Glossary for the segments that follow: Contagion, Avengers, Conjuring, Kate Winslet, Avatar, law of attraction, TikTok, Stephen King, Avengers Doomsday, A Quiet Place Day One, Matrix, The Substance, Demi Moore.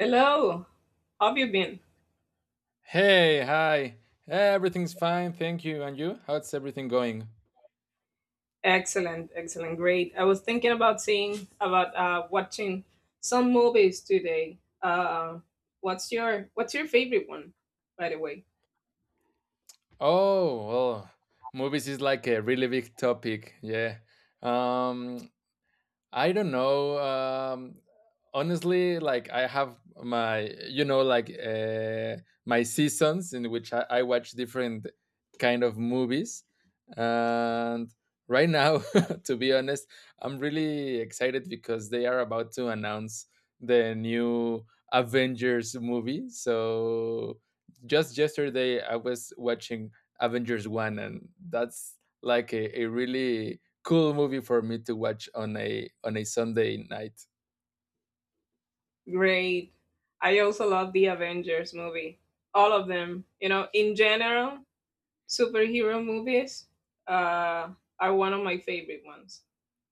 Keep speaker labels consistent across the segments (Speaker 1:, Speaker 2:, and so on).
Speaker 1: Hello, how have you been?
Speaker 2: Hey, hi. Everything's fine, thank you. And you? How's everything going?
Speaker 1: Excellent, excellent, great. I was thinking about seeing about watching some movies today. What's your favorite one, by the way?
Speaker 2: Oh, well, movies is like a really big topic. Yeah. Um, I don't know. Honestly, like I have my, like my seasons in which I watch different kind of movies, and right now, to be honest, I'm really excited because they are about to announce the new Avengers movie. So just yesterday, I was watching Avengers One, and that's like a really cool movie for me to watch on a Sunday night.
Speaker 1: Great. I also love the Avengers movie. All of them, you know, in general, superhero movies uh, are one of my favorite ones.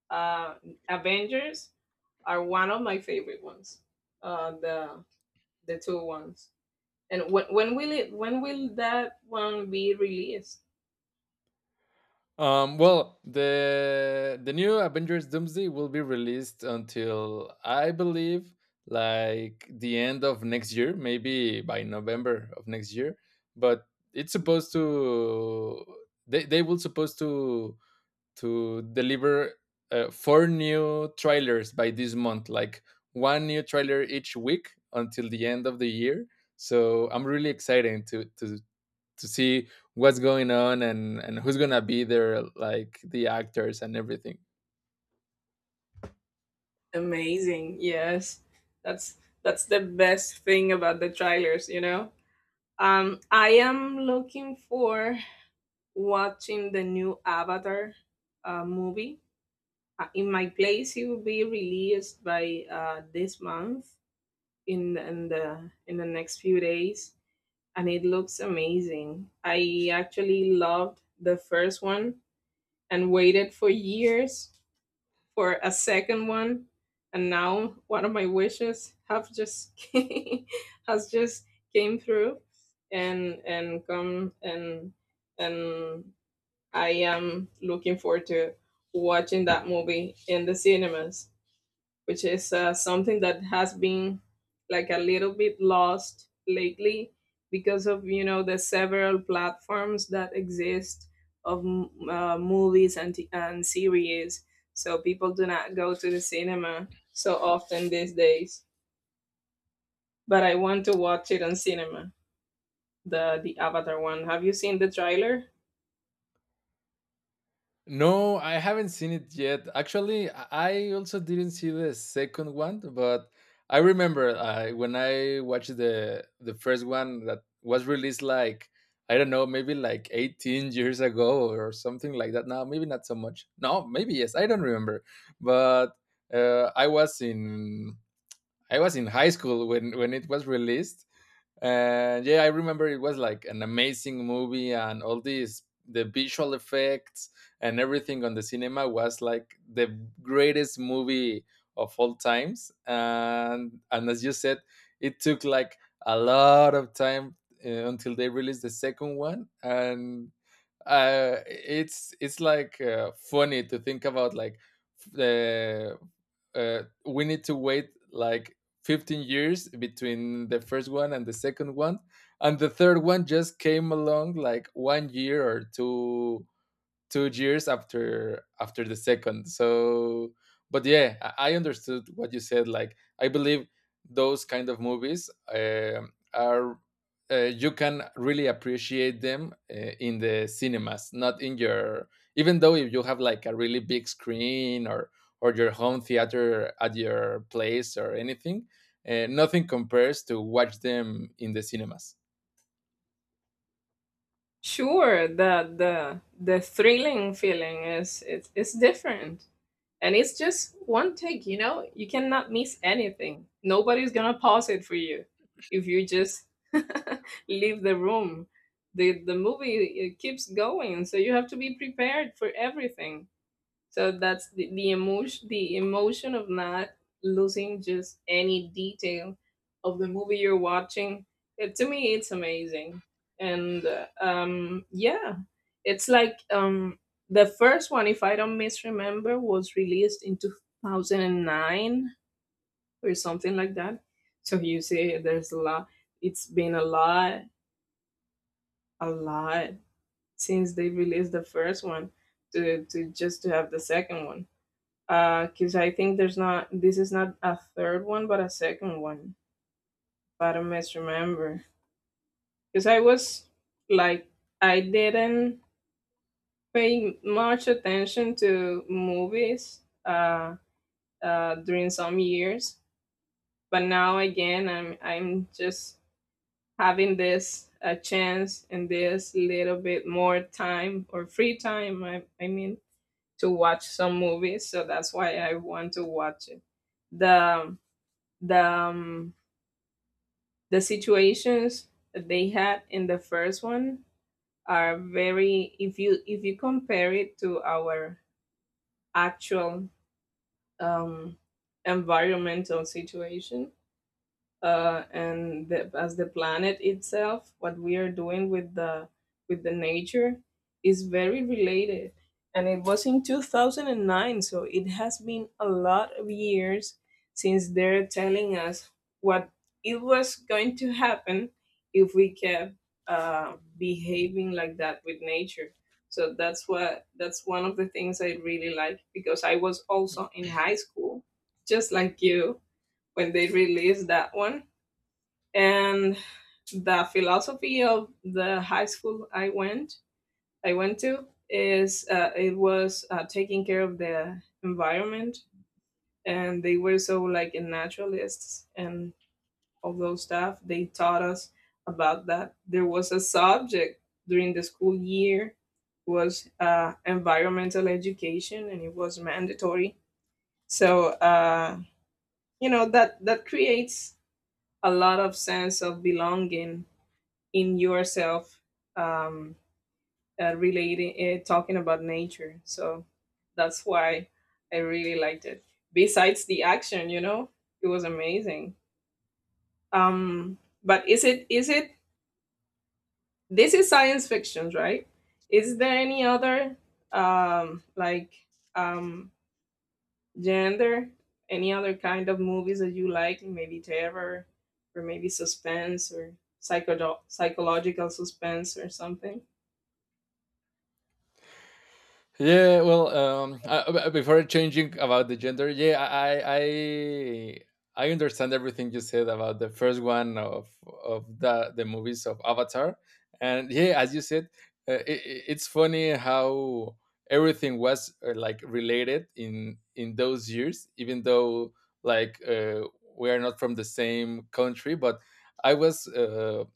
Speaker 1: Uh, Avengers are one of my favorite ones. Uh, the the two ones. And when will that one be released?
Speaker 2: Well, the new Avengers Doomsday will be released until I believe like the end of next year, maybe by November of next year. But it's supposed to they will supposed to deliver four new trailers by this month, like one new trailer each week until the end of the year. So I'm really excited to see what's going on and who's gonna be there, like the actors and everything.
Speaker 1: Amazing. Yes. That's that's the best thing about the trailers, you know? I am looking for watching the new Avatar movie. In my place it will be released by this month in the next few days, and it looks amazing. I actually loved the first one and waited for years for a second one, and now one of my wishes have just has just came through, and come and and I am looking forward to watching that movie in the cinemas, which is something that has been like a little bit lost lately because of, you know, the several platforms that exist of movies and series, so people do not go to the cinema so often these days. But I want to watch it on cinema. The Avatar one, have you seen the trailer?
Speaker 2: No, I haven't seen it yet. Actually, I also didn't see the second one, but I remember when I watched the first one that was released like I don't know, maybe like 18 years ago or something like that. Now, maybe not so much. No, maybe yes. I don't remember. But uh, I was in I was in high school when it was released, and yeah, I remember it was like an amazing movie, and all these, the visual effects and everything on the cinema was like the greatest movie of all times. And as you said, it took like a lot of time until they released the second one. And it's like funny to think about, like the we need to wait like 15 years between the first one and the second one, and the third one just came along like one year or two years after the second. So but yeah, I understood what you said. Like, I believe those kind of movies, um are, you can really appreciate them in the cinemas, not in your, even though if you have like a really big screen or your home theater at your place or anything, nothing compares to watch them in the cinemas.
Speaker 1: Sure, the thrilling feeling is it's different. And it's just one take, you know? You cannot miss anything. Nobody's gonna pause it for you if you just leave the room. The movie it keeps going, so you have to be prepared for everything. So that's the emotion, of not losing just any detail of the movie you're watching. It, to me, it's amazing. And yeah, it's like the first one, if I don't misremember, was released in 2009 or something like that. So you see, there's a lot. It's been a lot since they released the first one to just to have the second one, because I think there's not this is not a third one but a second one. But I must remember because I was like I didn't pay much attention to movies during some years, but now again I'm just having this a chance and this little bit more time, or free time I mean, to watch some movies. So that's why I want to watch it. The the um, the situations that they had in the first one are very, if you compare it to our actual um environmental situation, and the, as the planet itself, what we are doing with the nature, is very related. And it was in 2009, so it has been a lot of years since they're telling us what it was going to happen if we kept behaving like that with nature. So that's one of the things I really like, because I was also in high school, just like you, when they released that one. And the philosophy of the high school I went to, is it was taking care of the environment, and they were so like naturalists and all those stuff. They taught us about that. There was a subject during the school year was environmental education, and it was mandatory. So you know that that creates a lot of sense of belonging in yourself, um, relating talking about nature. So that's why I really liked it, besides the action, you know. It was amazing. um but is it, this is science fiction, right? Is there any other um like um gender, any other kind of movies that you like? Maybe terror, or maybe suspense, or psychological suspense or something?
Speaker 2: Yeah, well, before changing about the gender, yeah, I understand everything you said about the first one of the movies of Avatar, and yeah, as you said, uh, it, it's funny how everything was like related in those years, even though like we are not from the same country, but I was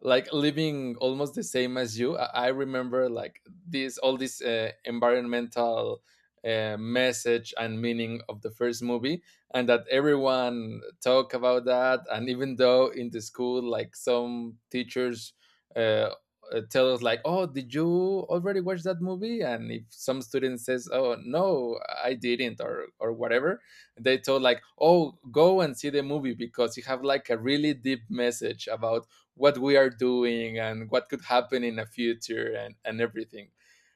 Speaker 2: like living almost the same as you. I remember like this, all this environmental message and meaning of the first movie, and that everyone talk about that. And even though in the school, like some teachers uh, tell us like, "Oh, did you already watch that movie?" And if some student says, "Oh, no, I didn't," or whatever, they told like, "Oh, go and see the movie because you have like a really deep message about what we are doing and what could happen in the future," and everything.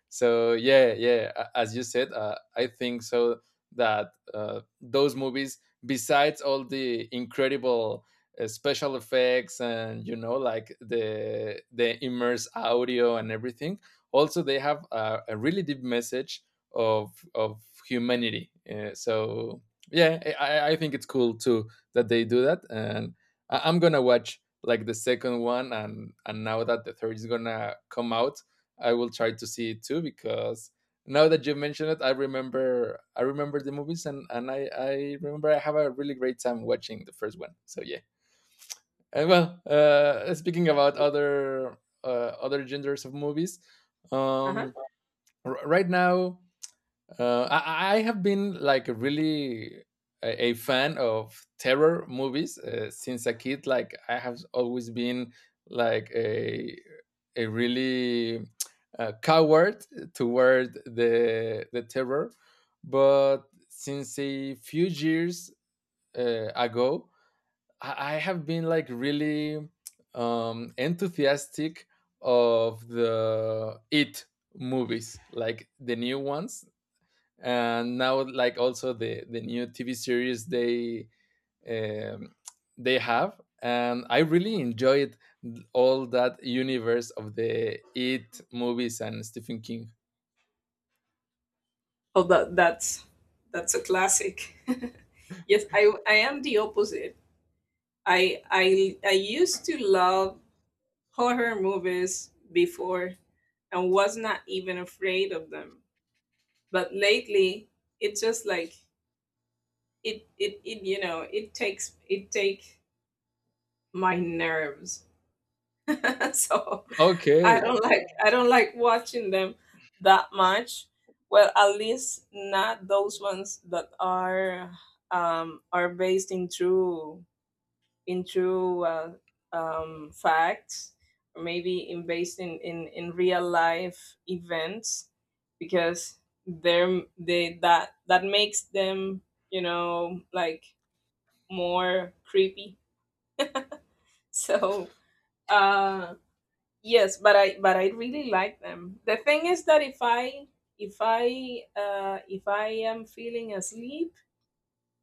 Speaker 2: So yeah, yeah, as you said, I think so that those movies, besides all the incredible special effects and you know, like the immerse audio and everything, also they have a really deep message of humanity. So yeah, I think it's cool too that they do that. And I'm gonna watch like the second one. And now that the third is gonna come out, I will try to see it too because now that you mentioned it, I remember the movies. And I remember I have a really great time watching the first one. So yeah. And well, speaking about other other genders of movies, um right now, I have been like really a fan of terror movies since a kid. Like, I have always been like a really coward toward the terror, but since a few years ago, I have been like really enthusiastic of the It movies, like the new ones, and now like also the new TV series um, they have. And I really enjoyed all that universe of the It movies and Stephen King.
Speaker 1: Oh, that's a classic. Yes, I am the opposite. I I used to love horror movies before and was not even afraid of them. But lately, it's just like it, you know, it take my nerves so
Speaker 2: Okay.
Speaker 1: I don't like watching them that much. Well, at least not those ones that are based in true, in true uh, facts, or maybe in based in, in real life events, because they're they that that makes them, you know, like more creepy. So, uh, yes, but I really like them. The thing is that if I am feeling asleep,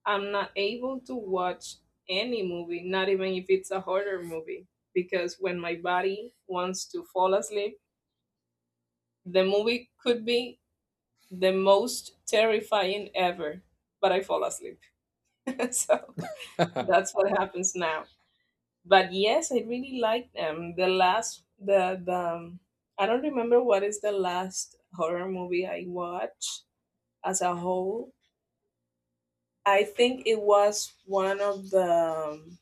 Speaker 1: I'm not able to watch any movie, not even if it's a horror movie, because when my body wants to fall asleep, the movie could be the most terrifying ever, but I fall asleep. So that's what happens now. But yes, I really like them. The last, the I don't remember what is the last horror movie I watched as a whole. I think it was one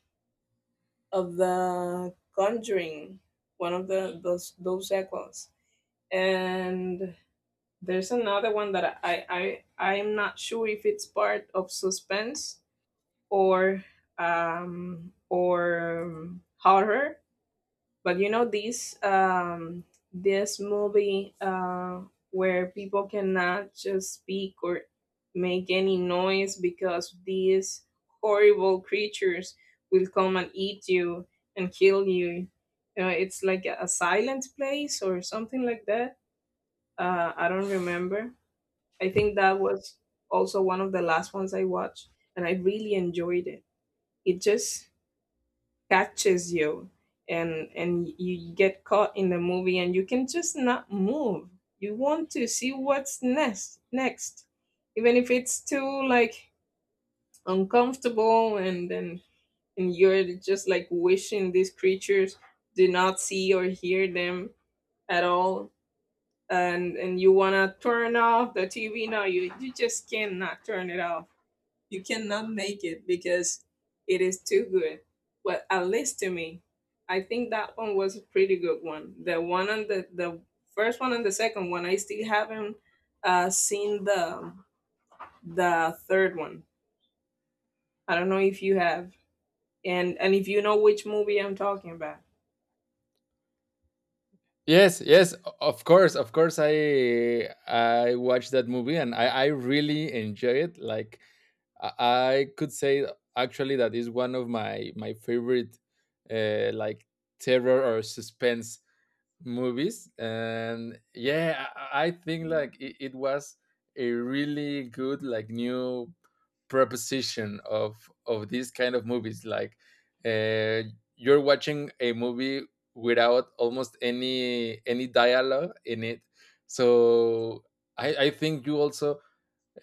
Speaker 1: of the Conjuring, one of the those sequels, and there's another one that I I'm not sure if it's part of suspense or horror. But you know this this movie where people cannot just speak or make any noise because these horrible creatures will come and eat you and kill you. You know, it's like a silent place or something like that. I don't remember. I think that was also one of the last ones I watched, and I really enjoyed it. It just catches you, and get caught in the movie, and you can just not move. You want to see what's next next, even if it's too like uncomfortable. And then, and you're just like wishing these creatures do not see or hear them at all. And you want to turn off the TV. No, you you just cannot turn it off. You cannot make it because it is too good. Well, at least to me, I think that one was a pretty good one. The one on the first one and the second one, I still haven't seen the third one. I don't know if you have, and if you know which movie I'm talking about.
Speaker 2: Yes, yes, of course, of course, I watched that movie, and I really enjoy it. Like, I could say actually that is one of my my favorite like terror or suspense movies. And yeah, I think like it was a really good like new proposition of these kind of movies. Like, uh, you're watching a movie without almost any dialogue in it. So I think you also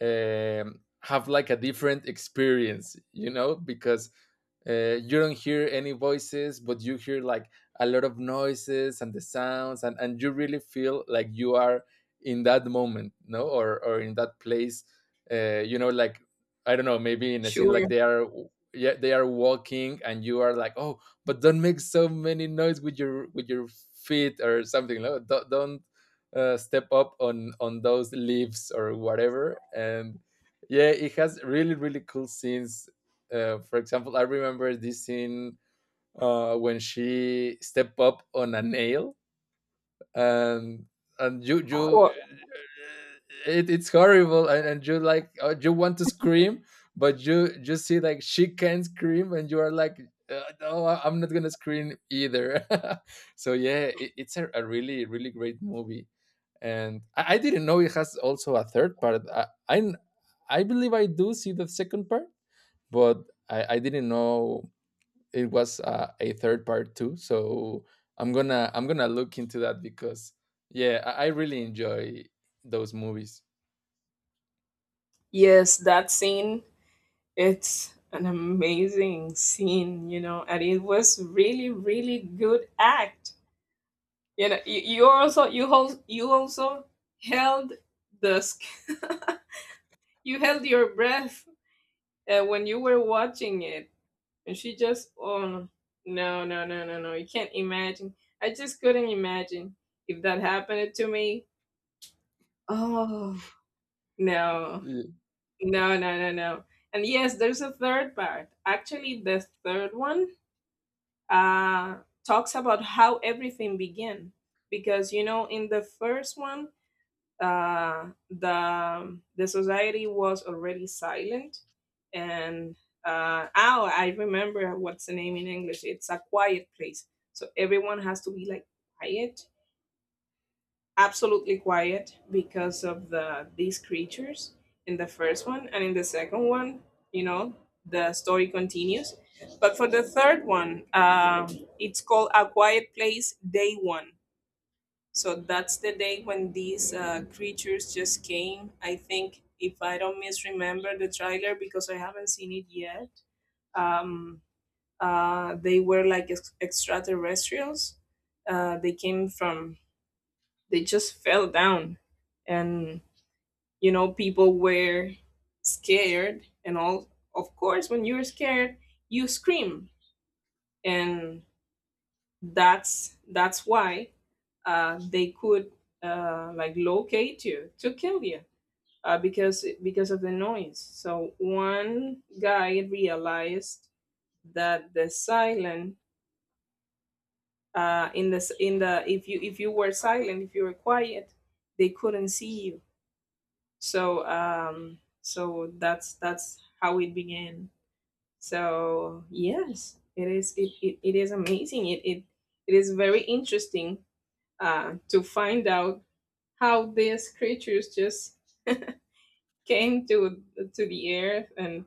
Speaker 2: have like a different experience, you know, because you don't hear any voices, but you hear like a lot of noises and the sounds, and you really feel like you are in that moment, no, or in that place, you know, like, I don't know, maybe in a scene
Speaker 1: Sure.
Speaker 2: like they are. Yeah, they are walking, and you are like, "Oh, but don't make so many noise with your feet or something. No, don't, step up on those leaves or whatever." And yeah, it has really really cool scenes. For example, I remember this scene when she step up on a nail. and and you you
Speaker 1: Hor-
Speaker 2: it's horrible. And you like, you want to scream, but you see like she can scream, and you are like, "No, I'm not gonna scream either." So yeah, it's a really really great movie. And I didn't know it has also a third part. I believe I do see the second part, but I didn't know it was a third part too. So I'm gonna look into that because yeah, I really enjoy those movies.
Speaker 1: Yes, that scene. It's an amazing scene, you know, and it was really, really good act. You know, you hold you also held the sc- you held your breath when you were watching it. And she just, oh, no, you can't imagine. I just couldn't imagine if that happened to me. Oh, no
Speaker 2: Y-
Speaker 1: no. And yes, there's a third part. Actually, the third one uh talks about how everything began, because you know in the first one, the society was already silent. And oh, I remember what's the name in English. It's A Quiet Place, so everyone has to be like quiet, absolutely quiet, because of the these creatures in the first one, and in the second one, you know, the story continues. But for the third one, it's called A Quiet Place Day One. So that's the day when these creatures just came. I think, if I don't misremember the trailer, because I haven't seen it yet, um, they were like extraterrestrials. Uh, they came from, they just fell down. And, you know, people were scared. And all, of course, when you're scared, you scream. And that's why they could like locate you to kill you because of the noise. So one guy realized that the silent, in the s- in the if you were silent, if you were quiet, they couldn't see you. So so that's how it began. So yes, it is amazing. It is very interesting to find out how these creatures just came to the earth and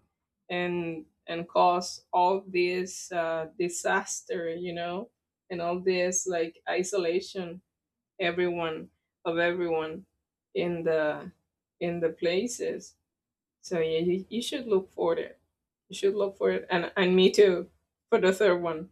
Speaker 1: caused all this disaster, you know, and all this like isolation, everyone everyone in the in the places. So yeah, you should look for it. You should look for it, and me too, for the third one.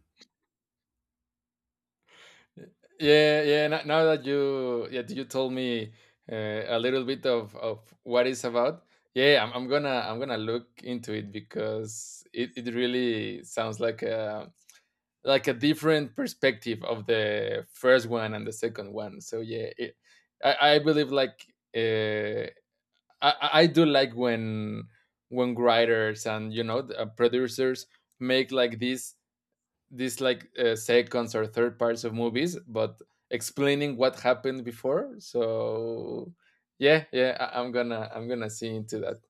Speaker 2: Yeah, yeah. Now, that you, yeah, you told me a little bit of what it's about. Yeah, I'm gonna look into it because it really sounds like a different perspective of the first one and the second one. So yeah, I believe like. Uh, I do like when writers and you know, the, producers make like these like seconds or third parts of movies, but explaining what happened before. So yeah, yeah, I'm gonna see into that.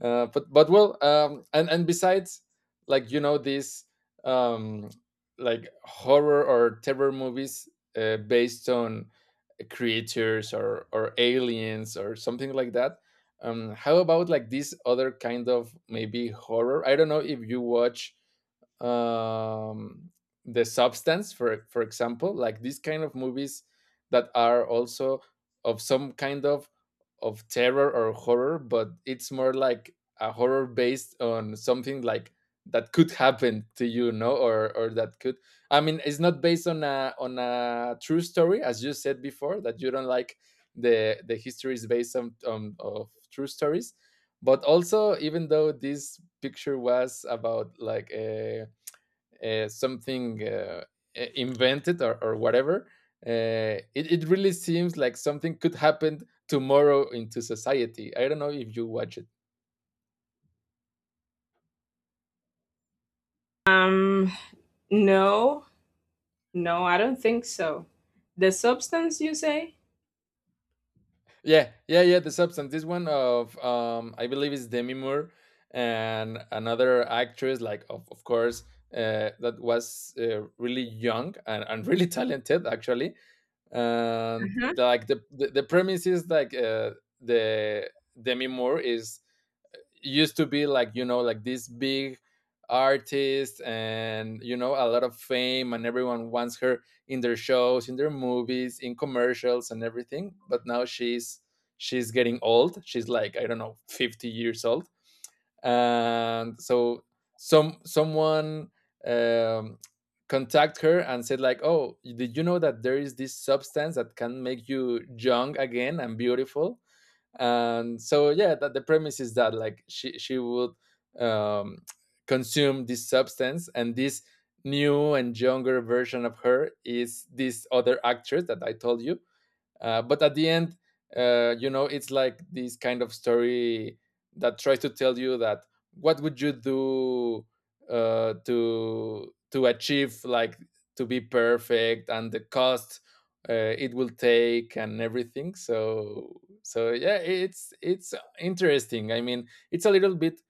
Speaker 2: But well and besides like, you know, these um like horror or terror movies based on creatures or aliens or something like that, how about like this other kind of, maybe horror, I don't know if you watch, um the Substance, for example like these kind of movies that are also of some kind of terror or horror, but it's more like a horror based on something like that could happen to you, no, or that could. I mean, it's not based on a true story, as you said before, that you don't like the history is based on, of true stories. But also, even though this picture was about like a something, invented or whatever, it really seems like something could happen tomorrow into society. I don't know if you watch it.
Speaker 1: Um, no, no, I don't think so. The substance, you say?
Speaker 2: Yeah, yeah, yeah, The Substance, this one of, I believe it's Demi Moore and another actress like, of course, that was really young and really talented actually. And the, like the, the premise is like, the Demi Moore is, used to be like, you know, like this big artist, and you know, a lot of fame, and everyone wants her in their shows, in their movies, in commercials and everything. But now she's getting old, she's like, I don't know, 50 years old. And so some someone um, contact her and said like, "Oh, did you know that there is this substance that can make you young again and beautiful?" And so yeah, that the premise is that like, she would um, consume this substance, and this new and younger version of her is this other actress that I told you. But at the end, you know, it's like this kind of story that tries to tell you that, what would you do to achieve like to be perfect, and the cost it will take and everything. So so yeah, it's interesting. I mean, it's a little bit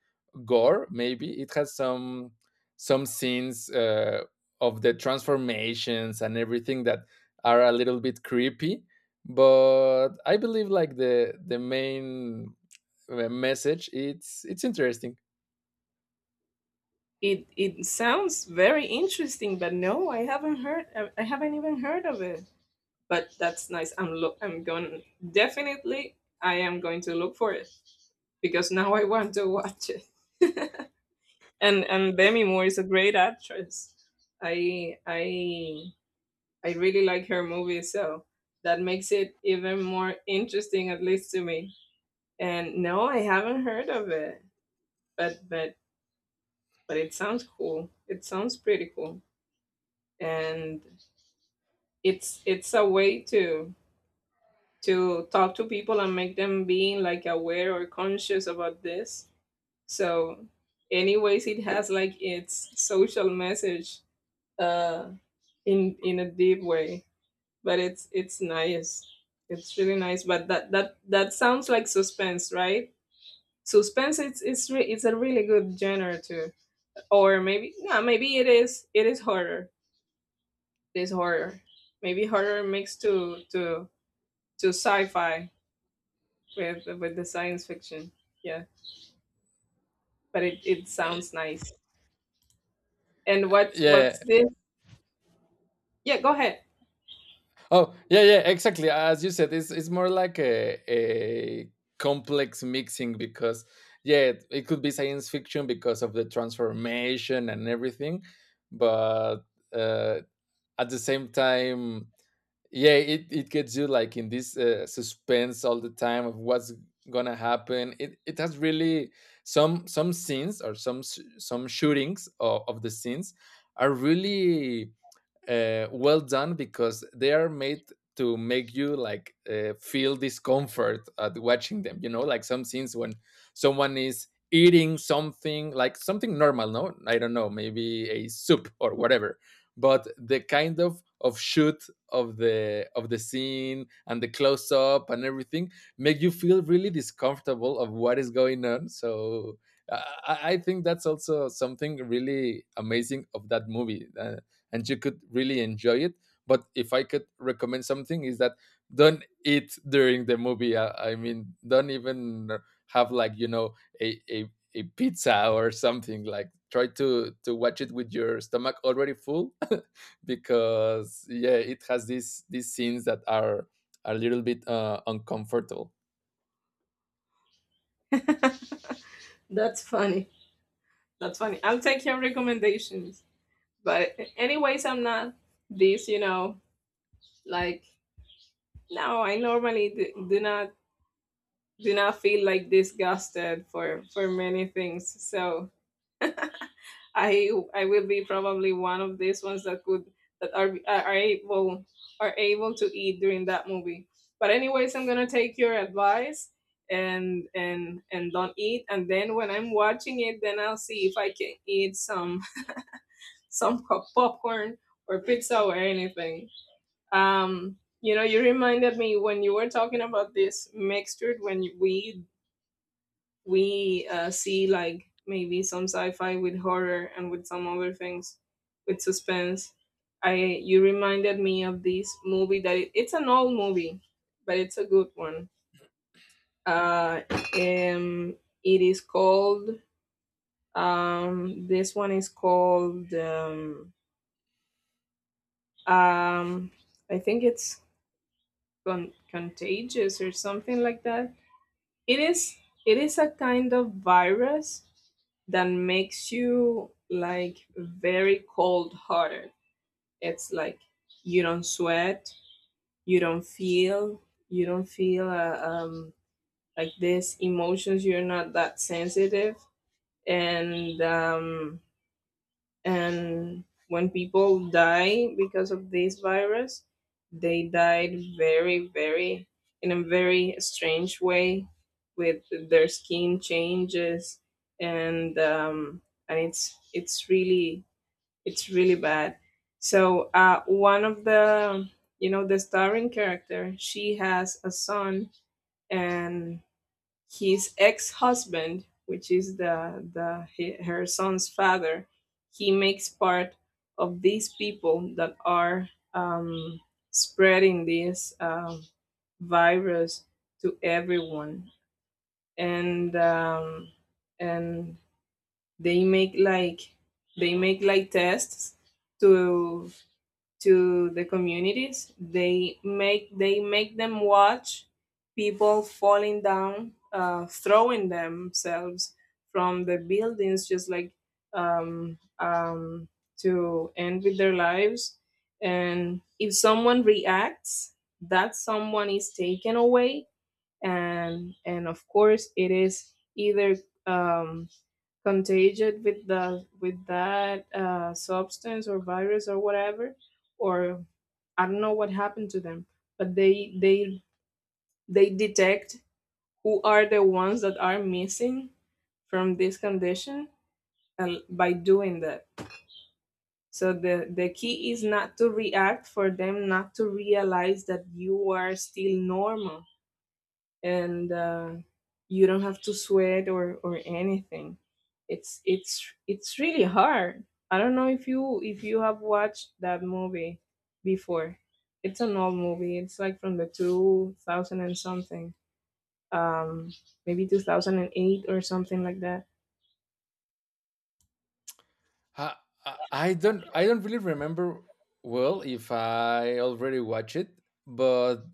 Speaker 2: gore Maybe it has some scenes of the transformations and everything that are a little bit creepy, but I believe like the main message, it's interesting.
Speaker 1: It sounds very interesting, but no, I haven't heard. I haven't even heard of it. But that's nice. I'm look. I'm going definitely. I am going to look for it because now I want to watch it. And Demi Moore is a great actress. I I really like her movies, so that makes it even more interesting, at least to me. And no, I haven't heard of it, but but it sounds cool. It sounds pretty cool. And it's a way to talk to people and make them being like aware or conscious about this. So, anyways, it has like its social message uh, in a deep way, but it's nice. It's really nice. But that sounds like suspense, right? Suspense it's a really good genre too. Or maybe no, maybe it is horror. It is horror. Maybe horror mixed to sci-fi with the science fiction. Yeah, but it sounds nice. And what
Speaker 2: Yeah.
Speaker 1: what's this? Yeah, go ahead.
Speaker 2: Oh, yeah, yeah, exactly as you said, it's more like a complex mixing because yeah, it could be science fiction because of the transformation and everything, but uh, at the same time, yeah, it gets you like in this suspense all the time of what's gonna happen. It has really some scenes or some shootings of the scenes are really well done because they are made to make you like feel discomfort at watching them, you know, like some scenes when someone is eating something, like something normal. No, I don't know, maybe a soup or whatever, but the kind of shoot of the scene and the close up and everything make you feel really discomfortable of what is going on. So I I think that's also something really amazing of that movie. And you could really enjoy it, but if I could recommend something is that don't eat during the movie. I mean, don't even have, like, you know, a a pizza or something. Like, try to watch it with your stomach already full because yeah, it has these scenes that are a little bit uncomfortable.
Speaker 1: That's funny. That's funny. I'll take your recommendations. But anyways, I'm not this. Like no, I normally do, do not feel like disgusted for many things. So I will be probably one of these ones that could that are are able to eat during that movie. But anyways, I'm gonna take your advice and don't eat. And then when I'm watching it, then I'll see if I can eat some popcorn or pizza or anything. You know, you reminded me when you were talking about this mixture when we see like maybe some sci-fi with horror and with some other things with suspense, I you reminded me of this movie that it's an old movie but it's a good one. uh um it is called this one is called um I think it's contagious or something like that. It is it is a kind of virus that makes you like very cold hearted. It's like you don't sweat, you don't feel, you don't feel like this emotions. You're not that sensitive, and um, and when people die because of this virus they died very very in a very strange way with their skin changes, and um, and it's really, it's really bad. So one of the, you know, the starring character, she has a son, and his ex-husband, which is the her son's father, he makes part of these people that are um, spreading this virus to everyone, and and they make like, tests to the communities. They make, them watch people falling down, throwing themselves from the buildings, just like, um, um, to end with their lives. And if someone reacts, that someone is taken away. And of course it is either um, contagious with the with that substance or virus or whatever, or I don't know what happened to them, but they detect who are the ones that are missing from this condition, by doing that. So the key is not to react, for them not to realize that you are still normal. And you don't have to sweat or anything. It's really hard. I don't know if you have watched that movie before. It's an old movie. It's like from the 2000 and something, um, maybe 2008 or something like that.
Speaker 2: I, I don't, I don't really remember well if I already watched it, but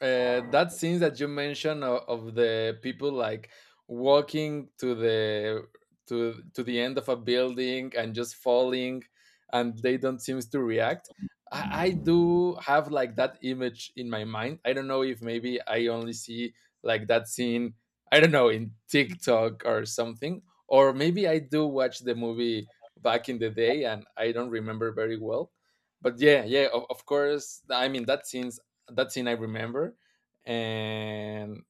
Speaker 2: that scene that you mentioned of the people like walking to the to the end of a building and just falling, and they don't seem to react. I do have like that image in my mind. I don't know if maybe I only see like that scene. I don't know, in TikTok or something, or maybe I do watch the movie back in the day and I don't remember very well. But yeah, yeah, of course, I mean that scenes, that scene I remember. And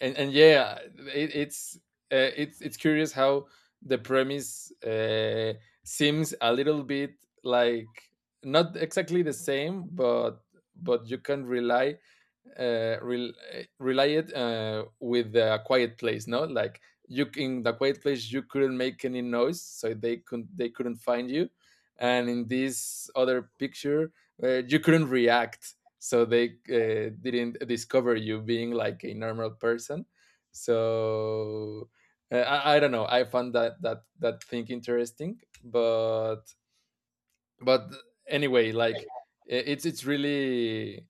Speaker 2: and yeah, it's it's curious how the premise seems a little bit like not exactly the same, but you can rely related with The Quiet Place. No, like, you, in The Quiet Place, you couldn't make any noise so they couldn't, they couldn't find you, and in this other picture, you couldn't react so they didn't discover you being like a normal person. So I don't know, I found that that that thing interesting, but anyway, like, it's really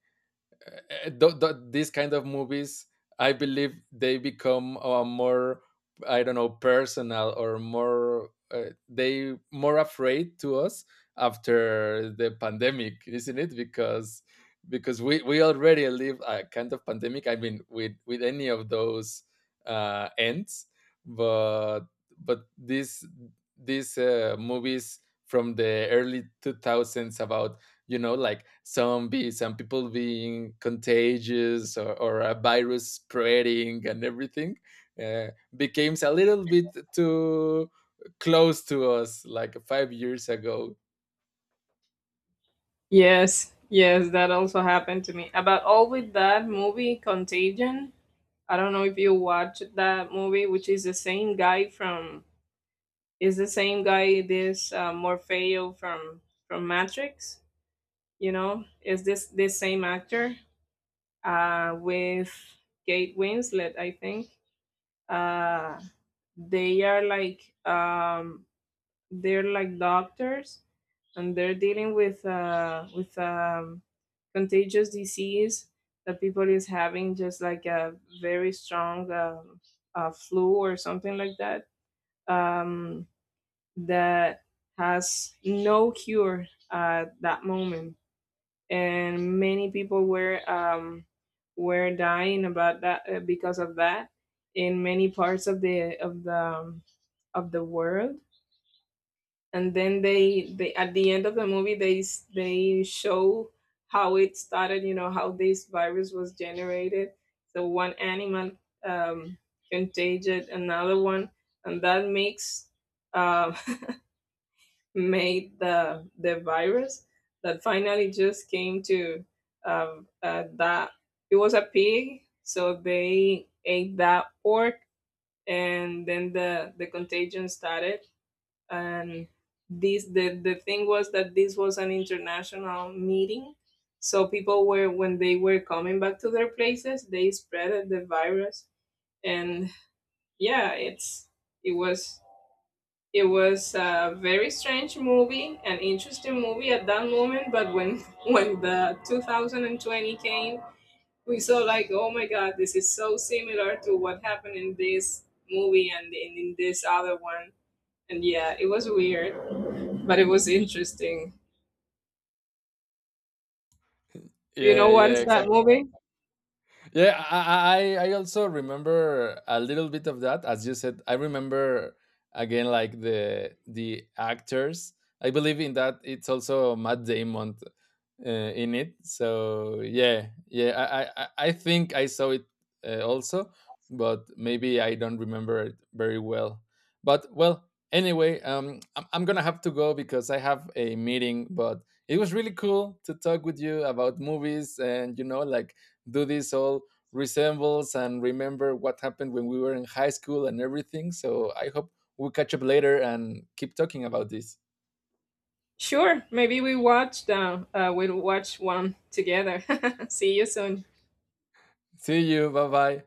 Speaker 2: uh, these kind of movies, I believe they become more, I don't know, personal or more they more afraid to us after the pandemic, isn't it? Because we already live a kind of pandemic, I mean, with any of those ends. but but these movies from the early 2000s about, you know, like zombies and people being contagious or a virus spreading and everything uh, becomes a little bit too close to us like 5 years ago.
Speaker 1: Yes, yes, that also happened to me. About all with that movie, Contagion. I don't know if you watched that movie, which is the same guy from, is the same guy this Morfeo from Matrix. You know, is this, this same actor with Kate Winslet? I think uh, they are like, they're like doctors, and they're dealing with contagious disease that people is having, just like a very strong flu or something like that. Um, that has no cure at that moment, and many people were, were dying about that, because of that, in many parts of the of the of the world. And then they at the end of the movie they show how it started. You know how this virus was generated. So one animal um, contagious another one, and that makes, um, made the virus that finally just came to that. It was a pig, so they ate that pork, and then the contagion started. And this, the thing was that this was an international meeting, so people were, when they were coming back to their places, they spread the virus. And yeah, it's, it was it was a very strange movie, an interesting movie at that moment. But when when the 2020 came, we saw like, oh my God, this is so similar to what happened in this movie and in this other one. And yeah, it was weird, but it was interesting. You know
Speaker 2: Yeah,
Speaker 1: what
Speaker 2: yeah,
Speaker 1: is that
Speaker 2: exactly.
Speaker 1: movie?
Speaker 2: Yeah, I also remember a little bit of that. As you said, I remember again like the actors. I believe in that it's also Matt Damon uh, in it. So yeah, yeah, I think I saw it also, but maybe I don't remember it very well. But well, anyway, I'm gonna have to go because I have a meeting. But it was really cool to talk with you about movies and, you know, like do this all resembles and remember what happened when we were in high school and everything. So I hope we'll catch up later and keep talking about this.
Speaker 1: Sure, maybe we watch we'll watch one together. See you soon.
Speaker 2: See you. Bye bye.